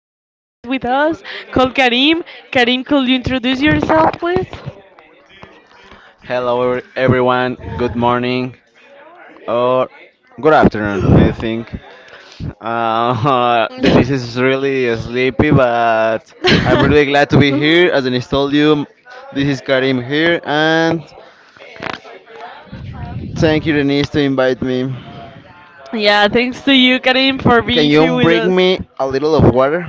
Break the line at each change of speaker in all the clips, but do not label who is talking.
guest with us called Karim. Karim, could you introduce yourself, please?
Hello, everyone. Good morning or good afternoon, I think. Denise is really sleepy, but I'm really glad to be here. As Denise told you, this is Karim here, and thank you, Denise, to invite me.
Yeah, thanks to you, Karim, for
Can
being here
you
with
bring
us.
me a little of water?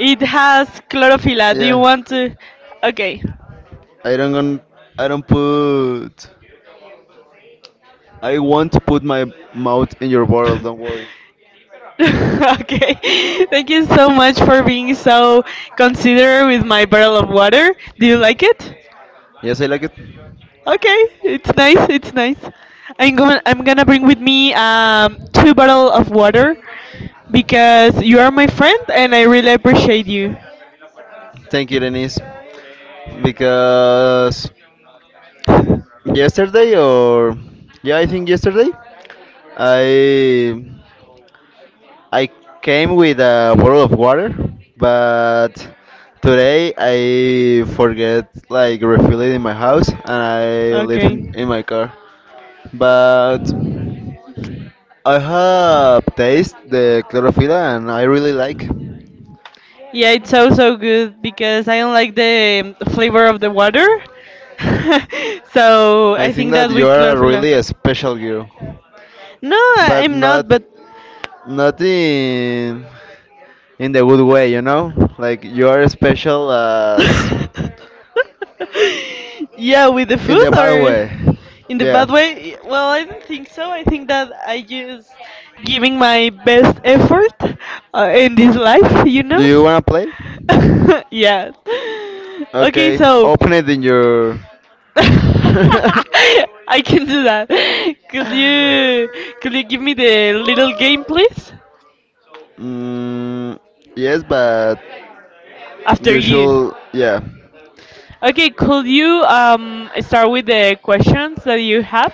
It has chlorophylla. Do you
Yeah,
want to? Okay.
I don't gon- I don't put. I won't put my mouth in your bottle. Don't worry.
Okay. Thank you so much for being so considerate with my bottle of water. Do you like it?
Yes, I like it.
Okay, it's nice. It's nice. I'm going. I'm gonna bring with me two bottle of water because you are my friend and I really appreciate you.
Thank you, Denise, because yesterday or yeah, I think yesterday I I came with a bottle of water, but today I forget like refill it in my house and I leave in,
Okay.
in my car. But I have taste the chlorophylla and I really like.
Yeah, it's so so good because I don't like the flavor of the water. So
I
I
think
think
that
that
you
with
are a
chlorophylla.
really a special girl,
No,
but
I'm
not
not. But
not in in the good way, you know? Like you are special as
yeah, with the
in the
food
bad
or.
way.
In the
Yeah.
bad way? Well, I don't think so. I think that I just giving my best effort in this life, you
Do
know?
you wanna play?
Yes. Okay,
Okay.
so
Open it in your.
I can do that. Could you could you give me the little game, please?
Mm, yes, but
After
you
you.
should. Yeah.
Okay, could you start with the questions that you have?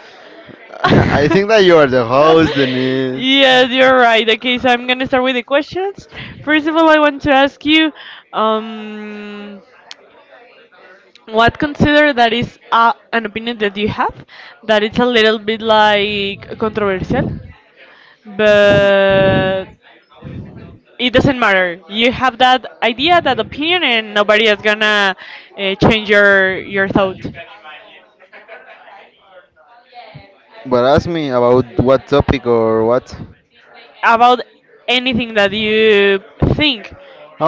I think that you are the host, Denise.
Yes, you're right. Okay, so I'm gonna start with the questions. First of all, I want to ask you, um, what consider that is an opinion that you have that it's a little bit like controversial,
Mhm.
but it doesn't matter. You have that idea, that opinion, and nobody is gonna change your thought
But ask me about what topic or what?
about anything that you think.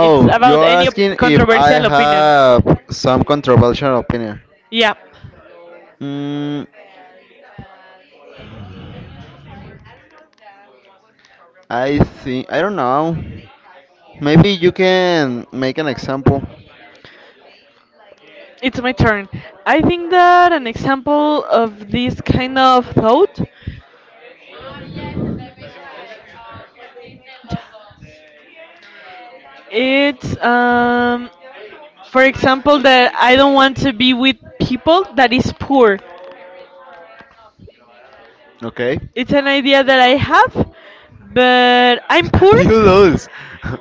It's
you
about
are
any
asking if I
controversial opinion.
have some controversial opinion.
Yeah.
Mm, I think I don't know. Maybe you can make an example.
It's my turn. I think that an example of this kind of thought it's for example that I don't want to be with people that is poor.
Okay.
It's an idea that I have, but I'm poor.
You lose.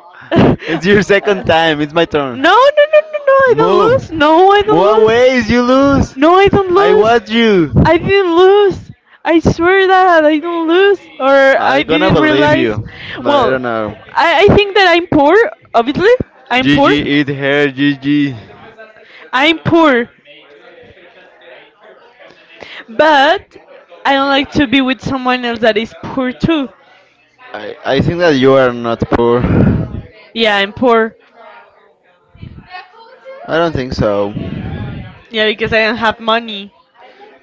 It's your
No,
second time. It's my turn.
no, no, no, I don't
Move.
lose. No, I don't
Move
lose.
away. You lose.
No, I don't
I
lose.
watch you.
I didn't lose. I swear that I didn't lose, or I
I gonna
didn't
believe
realize.
you, but I
Well,
don't know.
I think that I'm poor. Obviously, I'm poor.
Gigi, eat her, Gigi.
I'm poor, but I don't like to be with someone else that is poor too.
I think that you are not poor.
Yeah, I'm poor.
I don't think so.
Yeah, because I don't have money.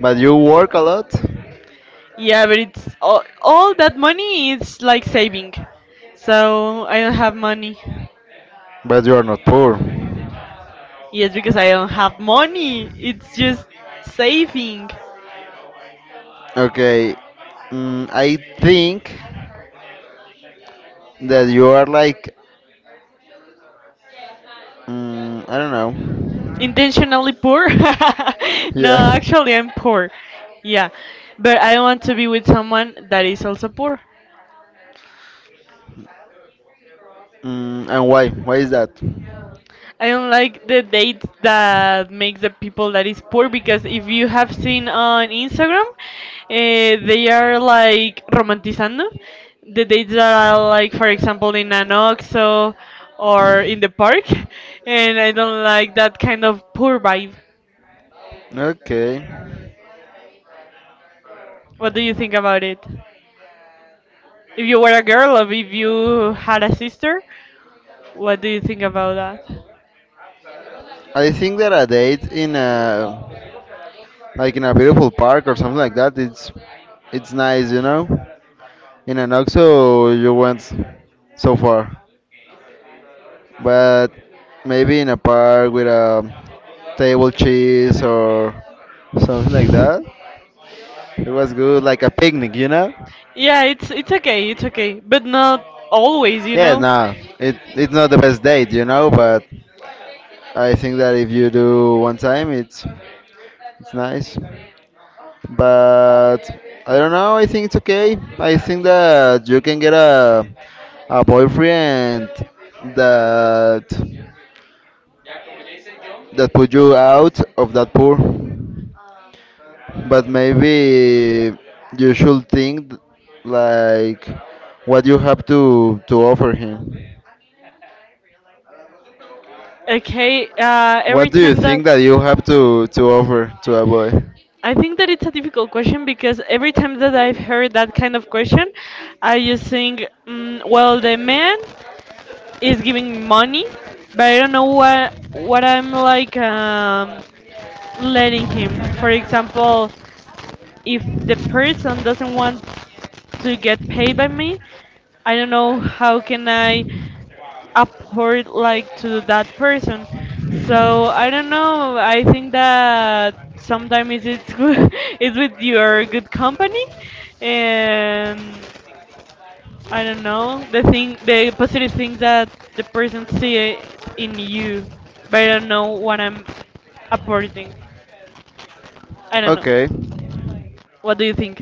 But you work a lot?
Yeah, but it's all that money is like saving. So I don't have money.
But you are not poor.
Yes, because I don't have money. It's just saving.
Okay. I think that you are like I don't
Intentionally
know.
poor? No,
Yeah.
actually, I'm poor. Yeah, but I want to be with someone that is also poor.
And why? Why is that?
I don't like the dates that make the people that is poor because if you have seen on Instagram, they are like romanticizando the dates that are like, for example, in an OXXO or in the park, and I don't like that kind of poor vibe.
Okay.
What do you think about it? If you were a girl or if you had a sister, what do you think about that?
I think that a date in a like in a beautiful park or something like that, it's nice, you know. In an OXXO, you went so far, but maybe in a park with a table cheese or something like that. It was good, like a picnic, you know?
Yeah, it's okay, it's okay, but not always, you
Yeah,
know.
no, it's not the best date, you know, but I think that if you do one time, it's nice. But I don't know. I think it's okay. I think that you can get a boyfriend that that put you out of that pool. But maybe you should think like what you have to offer him.
Okay,
What
every
do you
time that
think that you have to offer to a boy?
I think that it's a difficult question because every time that I've heard that kind of question, I just think, well, the man is giving money, but I don't know what I'm like letting him. For example, if the person doesn't want to get paid by me. I don't know how can I afford like to that person. So I don't know. I think that sometimes it's good, it's with your good company, and I don't know the thing, the positive things that the person see in you, but I don't know what I'm apporting. I don't know.
Okay.
What do you think?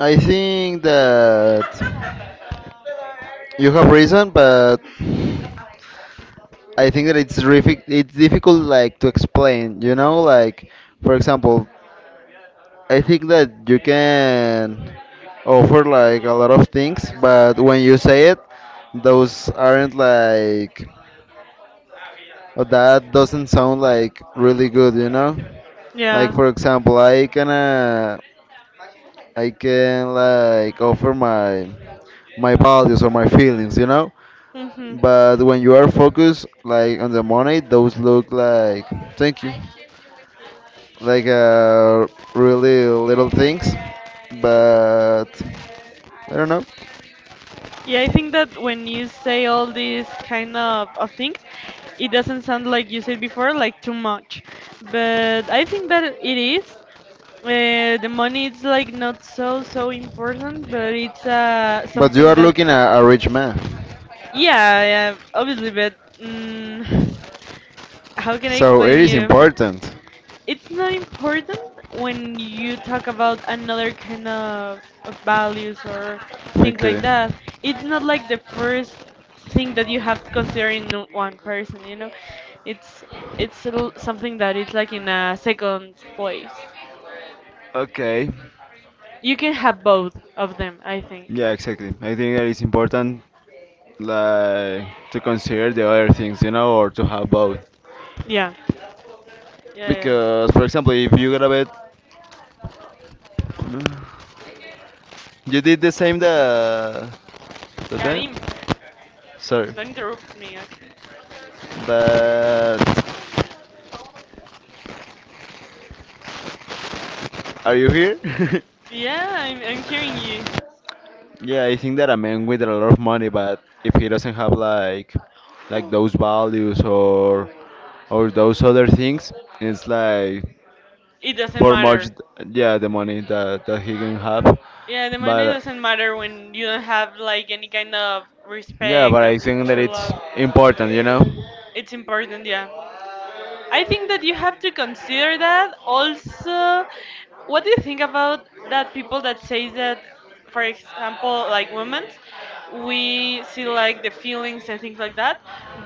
I think that you have reason, but I think that it's difficult like to explain, you know, like for example, I think that you can offer like a lot of things, but when you say it, those aren't like or that doesn't sound like really good, you know? Like
Yeah.
for example, I can like offer my values or my feelings, you know? But when you are focused like on the money, those look like thank you, like uh, really little things, but I don't know.
Yeah, I think that when you say all these kind of things, it doesn't sound like you said before, like too much. But I think that it is. The money is like not so so important, but it's
But you
something
are
that,
looking at a rich man, how can
yeah, yeah, obviously. But mm, how can I explain you?
important.
It's not important when you talk about another kind of values or things like that. It's not like the first thing that you have to consider in one person, you know. It's something that is like in a second place.
Okay.
You can have both of them, I think.
Yeah, exactly. I think that is important like to consider the other things, you know, or to have both.
Yeah. Yeah, yeah.
Because, for example, if you grab it, you did the same the time.
Karim,
Sorry,
don't interrupt me, okay?
but are you here?
Yeah, I'm hearing you.
Yeah, I think that a man with a lot of money, but if he doesn't have like those values or those other things, it's like
It doesn't
for much
matter.
yeah the money that he can have
Yeah, the money
but
doesn't matter when you don't have like any kind of
yeah but
respect
I
of
think that
true
it's
love.
important, you know.
It's important, yeah. I think that you have to consider that. Also, what do you think about that people that say that, for example, like women, we see like the feelings and things like that,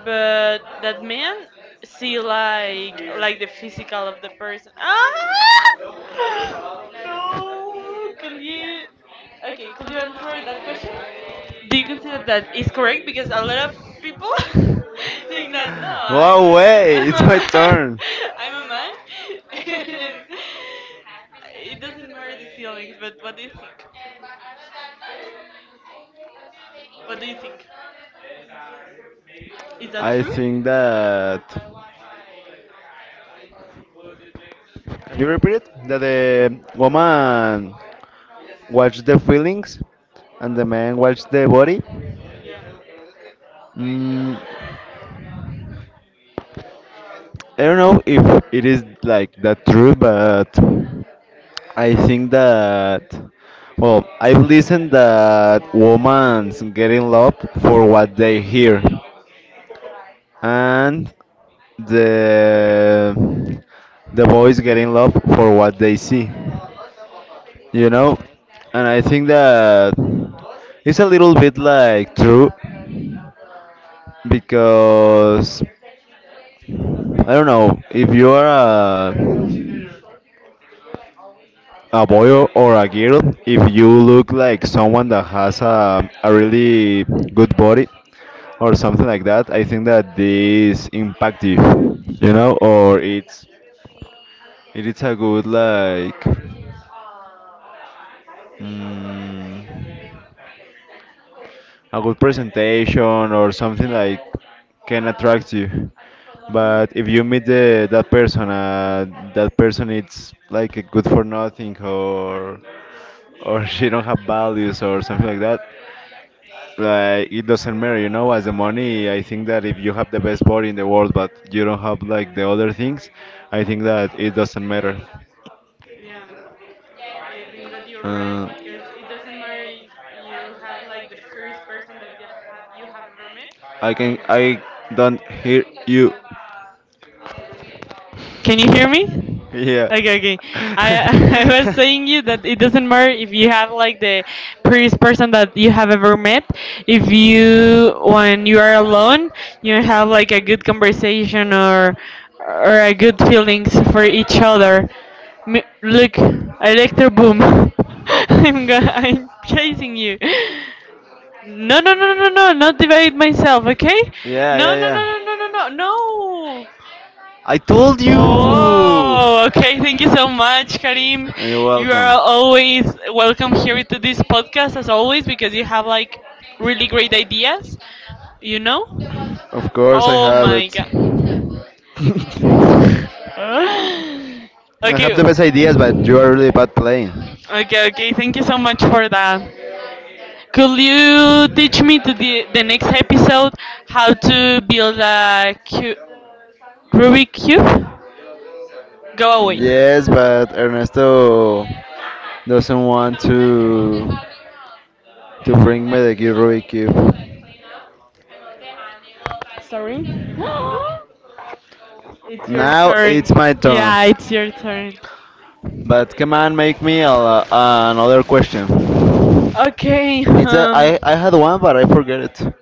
but that men see like the physical of the person. Ah! No, could you? Okay, could you answer that question? Do you consider that is correct? Because a lot of people think that no,
Wow, wait,
I'm
it's
a
my
man,
turn.
I'm a man, and it doesn't matter the feelings. But what do you think? Is that
I
true?
think that. Can you repeat it? That the woman watch the feelings and the man watch the body.
Yeah,
Mm, I don't know if it is like that true, but I think that well, I've listened that women's getting love for what they hear, and the the boys getting love for what they see. You know, and I think that it's a little bit like true because I don't know if you are a a boy or a girl. If you look like someone that has a really good body or something like that, I think that this impact you, you know, or it's it is a good like mm, a good presentation or something like can attract you. But if you meet the, that person it's like a good for nothing or or she don't have values or something like that like it doesn't matter, you know, as the money. I think that if you have the best body in the world but you don't have like the other things, I think that it doesn't matter.
yeah. I think that you're right
uh,
because it doesn't matter if you have like the first person that you have ever met.
I don't hear you.
Can you hear me?
Yeah.
Okay, okay. I I was saying you that it doesn't matter if you have like the prettiest person that you have ever met. If you when you are alone, you have like a good conversation or a good feelings for each other. Look, electro boom. I'm chasing you. No, no, no, no, no, no, not divide myself, okay?
Yeah,
No,
yeah,
no,
yeah.
no, no, no, no, no, no.
I told you.
Oh, okay. Thank you so much, Karim.
You're
You
welcome.
are always welcome here to this podcast, as always, because you have like really great ideas, you know?
Of course, I
Oh
have
my.
it. I have
Okay,
the best ideas, but you are really bad playing.
okay. Thank you so much for that. Could you teach me to the next episode how to build a Rubik cube? Go away.
Yes, but Ernesto doesn't want to bring me the Rubik cube.
Sorry. It's your
Now
turn.
it's my turn.
Yeah, it's your turn.
But come on, make me another question.
Okay,
It's that I had one, but I forget it.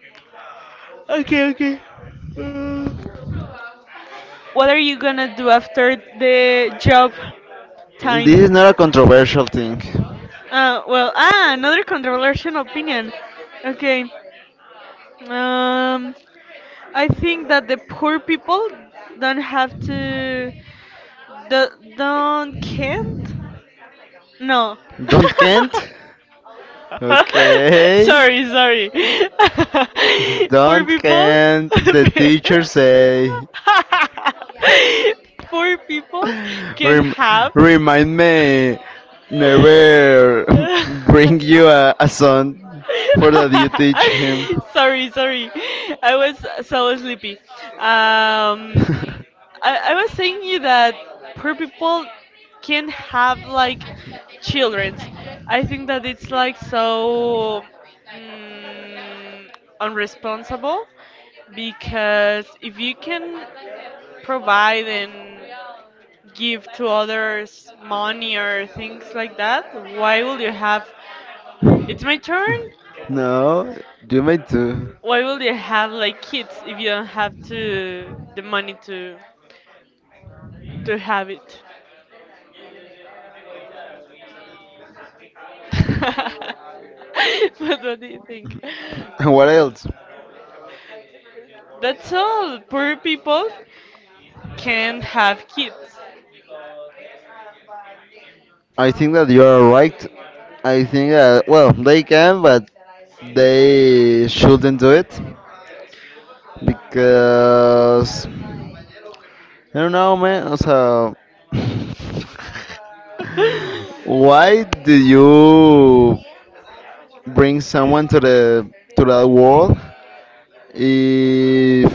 okay, okay. Uh, what are you gonna do after the job
This
time?
is not a controversial thing.
Another controversial opinion. Okay, um, I think that the poor people don't have to, do, don't can't. No.
Don't can't? Okay.
Sorry, sorry. Poor
Don't
people.
can't, the teacher say.
Poor people can
Rem-
have.
remind me never bring you a son for that you teach him.
Sorry, sorry. I was so sleepy. Um, I was thinking that poor people can have like childrens. I think that it's like so mm, unresponsible because if you can provide and give to others money or things like that, why will you have it's my turn?
No, you made too.
Why will you have like kids if you don't have to the money to have it? But what do you think?
What else?
That's all. Poor people can have kids.
I think that you are right. I think that well they can, but they shouldn't do it because I don't know, man. So Why did you bring someone to the to that world if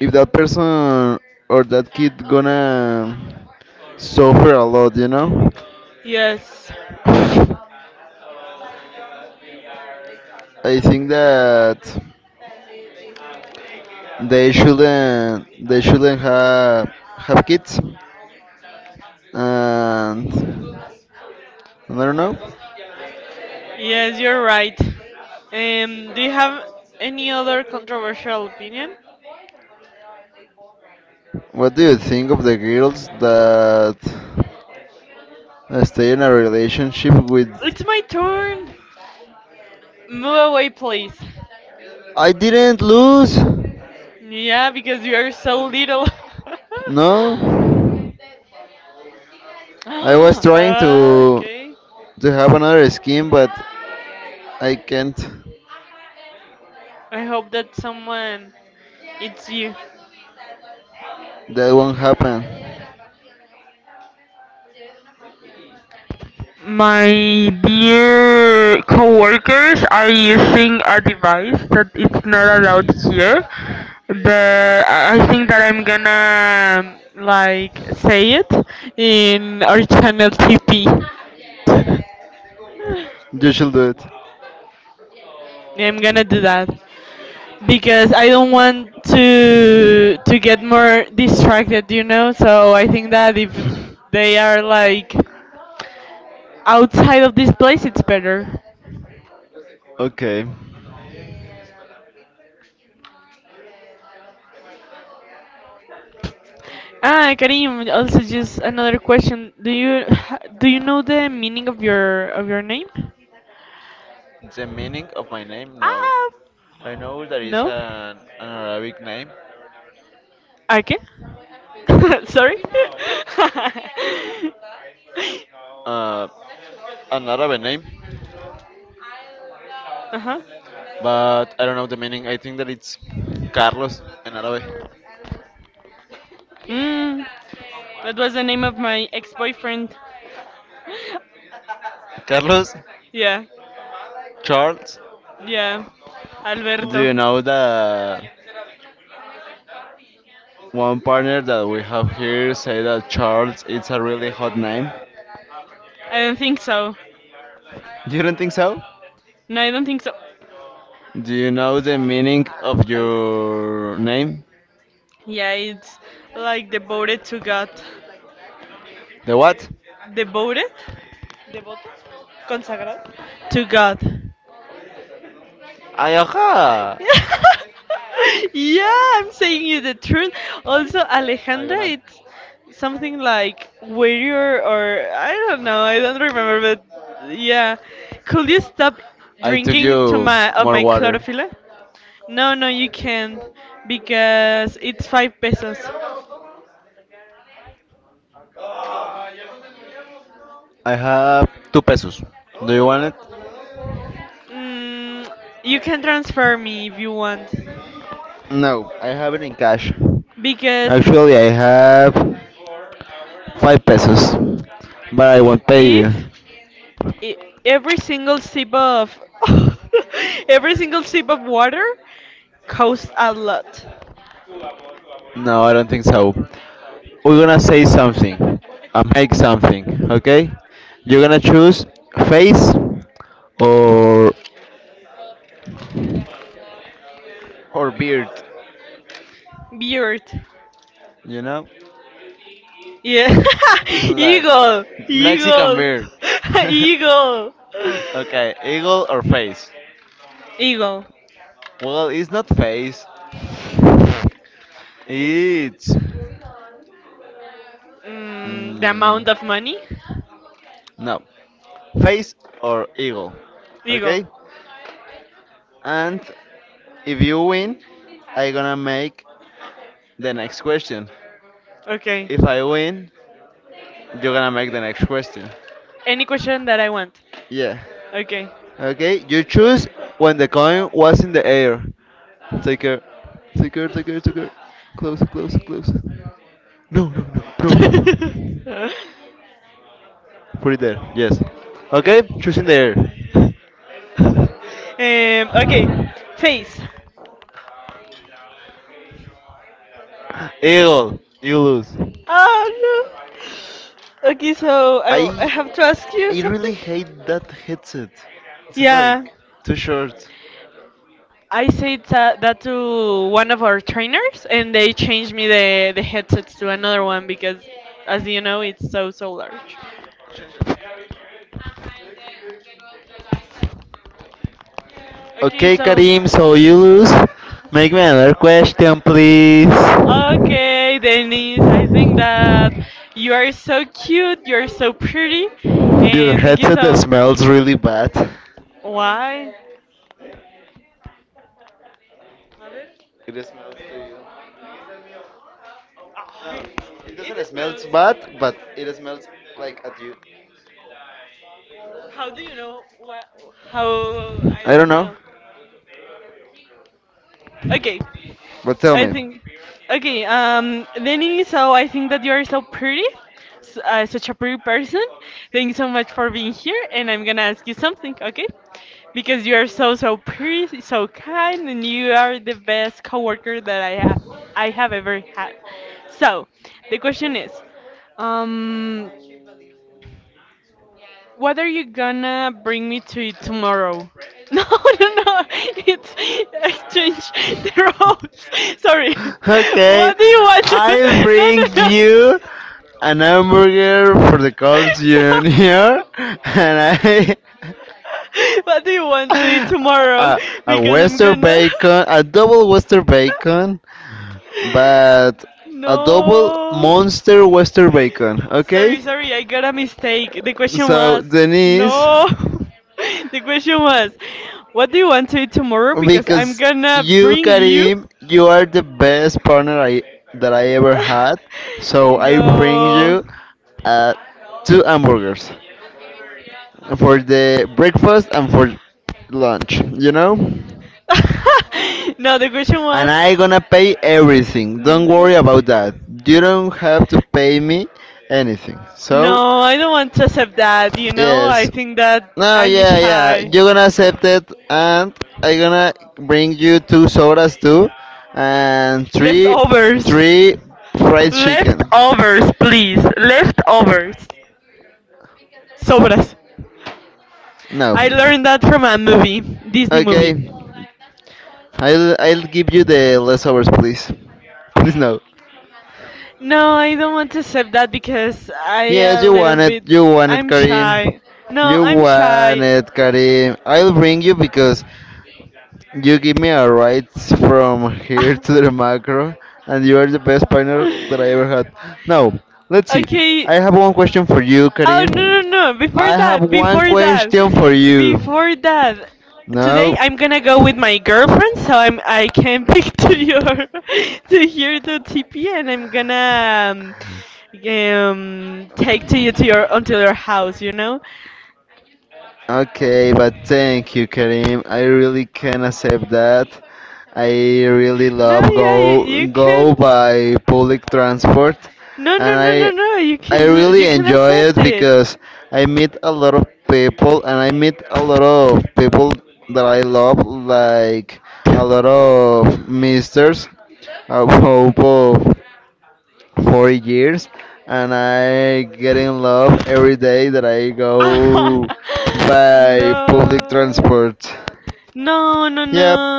if that person or that kid gonna suffer a lot, you know?
Yes.
I think that they shouldn't have kids and I don't know.
Yes, you're right. Do you have any other controversial opinion?
What do you think of the girls that stay in a relationship with
It's my turn. Move away, please.
I didn't lose.
Yeah, because you are so little.
No. I was trying to
Okay.
to have another skin, but I can't.
I hope that someone it's you.
That won't happen.
My dear coworkers are using a device that it's not allowed here, but I think that I'm gonna like say it in our channel TP.
You should do it.
I'm gonna do that because I don't want to get more distracted, you know. So I think that if they are like outside of this place, it's better.
Okay.
Karim, also just another question. Do you do you know the meaning of your name?
The meaning of my name? No.
Ah,
I know there is
Okay, Sorry?
uh, an Arabic name,
Uh-huh.
but I don't know the meaning. I think that it's Carlos in Arabic.
Mm, that was the name of my ex-boyfriend.
Carlos?
Yeah.
Charles?
Yeah.
Do
Alberto.
you know that? One partner that we have here say that Charles is a really hot name.
I don't think so.
You don't think so?
No, I don't think so.
Do you know the meaning of your name?
Yeah, it's like devoted to God.
The what?
devoted, devoted, consagrado to God.
Ayaha!
Yeah, I'm saying you the truth. Also,
I
Alejandra,
gonna.
it's something like warrior or I don't know. I don't remember, but yeah. Could you stop
I took
drinking
you more water.
tequila? No, no, you can't because it's five pesos.
I have two pesos. Do you want it?
Mm, you can transfer me if you want
No, I have it in cash.
because
Actually, I have five pesos, but I won't pay you.
e- every single sip of every single sip of water costs a lot.
No, I don't think so. We're gonna say something and make something, okay? You're gonna choose face or or beard,
Beard.
you know?
Yeah.
Like
Eagle.
Mexican beard.
Eagle.
Okay, eagle or face?
Eagle.
Well, it's not face. It's
The
mm,
amount of money?
no face or eagle.
Eagle.
Okay, and if you win, I gonna make the next question.
Okay.
If I win, you're gonna make the next question.
Any question that I want.
Yeah.
Okay.
Okay, you choose when the coin was in the air. Take care. Take care, take care, take care. Close, close, close. No, no, no, no, no, no.
um,
Put it there, yes. Okay, choose in the air.
okay. Face.
Eagle, you lose.
Oh no. Okay, so
I
I have to ask you
I
something.
really hate that headset. It's like
Yeah.
too short.
I said that to one of our trainers, and they changed me the headsets to another one because, as you know, it's so so large. At a double monster Western bacon, okay? So, Denise, because you, Karim, you are the best partner I that I ever had. So I bring you uh, two hamburgers for the breakfast and for lunch. You know? And I gonna pay everything. Don't worry about that. You don't have to pay me anything. So, yes. No, yeah, yeah. You're gonna accept it, and I gonna bring you two sodas too, and three fried chicken. No. Okay. I'll give you the leftovers, please. Please no. Yes, you want it. You want it, Karim. You want it, Karim. I'll bring you because you give me a ride from here to the macro, and you are the best partner that I ever had. Now, let's see. I have one question for you, Karim. I have one question for you. No. Okay, but thank you, Karim. I really can accept that. I really love go by public transport, and I really enjoy it because I meet a lot of people and I meet a lot of people that I love, like a lot of misters, a hope of 4 years and I get in love every day that I go by public transport. Yep.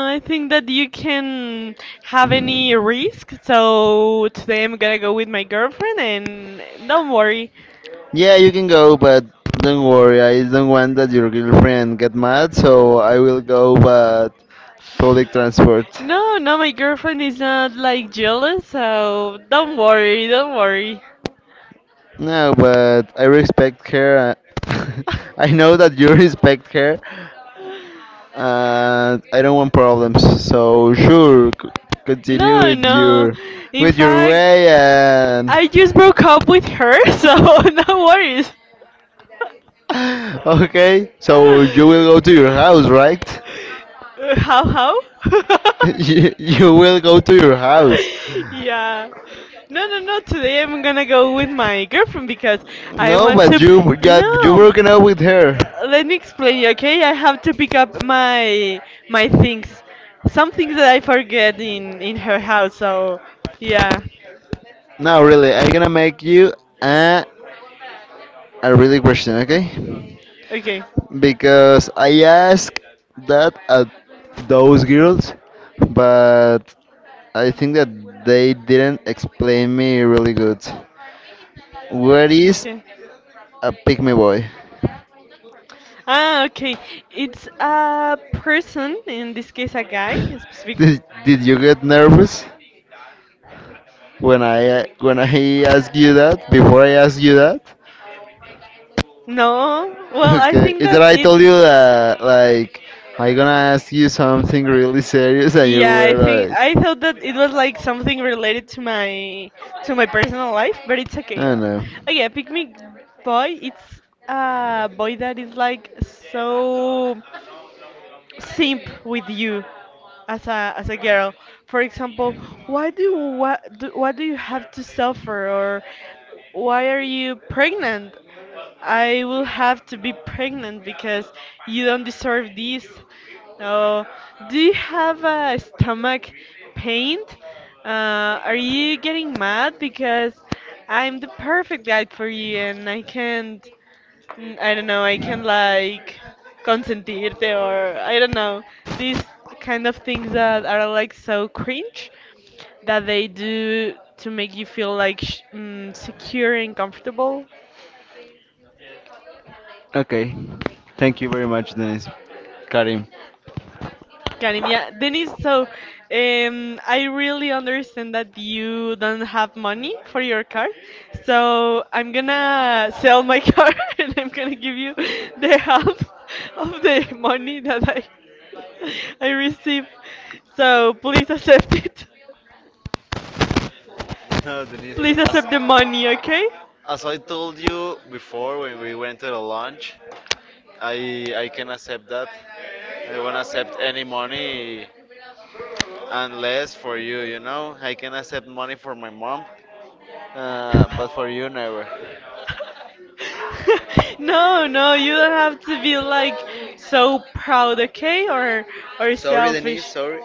Yeah, you can go, but don't worry. I don't want that your girlfriend get mad, so I will go but public transport. No, but I respect her. uh, I know that you respect her, and I don't want problems. So sure, continue with your way and okay. So you will go to your house, right? You will go to your house. No, but you got you broken up with her. No, really, I'm gonna make you a a really question, okay? Because I asked that at those girls, but I think that they didn't explain me really good. What is a pygmy boy? Did you get nervous when I asked you that? Before I asked you that? Okay, it's that I told you that like I gonna ask you something really serious and you were like, I don't know. Okay. Thank you very much, Denise. Karim. No, Denise, as, as I told you before when we went to the lunch, I can accept that. I won't accept any money unless for you, you know. I can accept money for my mom, but for you, never. Sorry, Denise, sorry.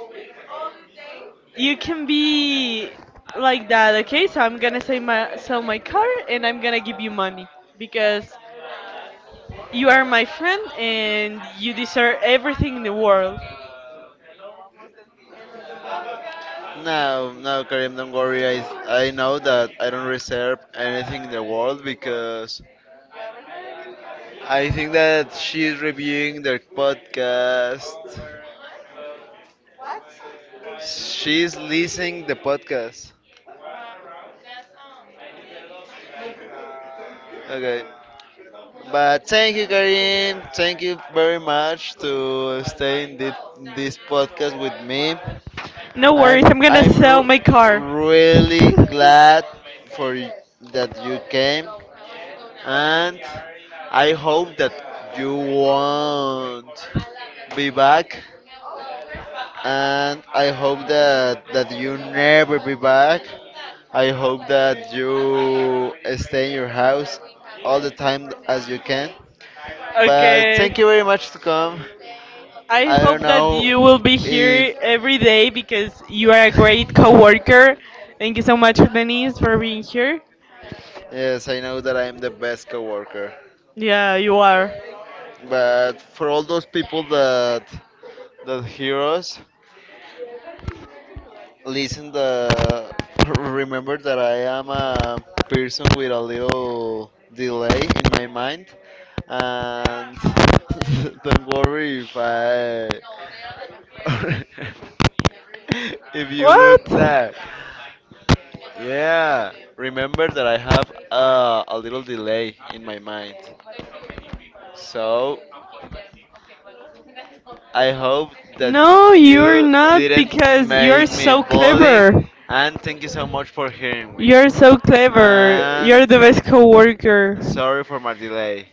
No, no, Karim, don't worry. I know that I don't reserve anything in the world because I think that she's reviewing their podcast. She's listening the podcast. Okay. But thank you, Karim. Thank you very much to stay in this podcast with me. I'm really glad for y- that you came, and I hope that you won't be back and I hope that you never be back. I hope that you stay in your house all the time as you can. But thank you very much to come. I don't know if yes, I know that I am the best coworker. But for all those people that hear us, Listen, the remember that I am a person with a little delay in my mind, and don't worry if I if you look like yeah. Remember that I have a little delay in my mind, so I hope that you didn't make me bowling, and thank you so much for hearing me. And Sorry for my delay.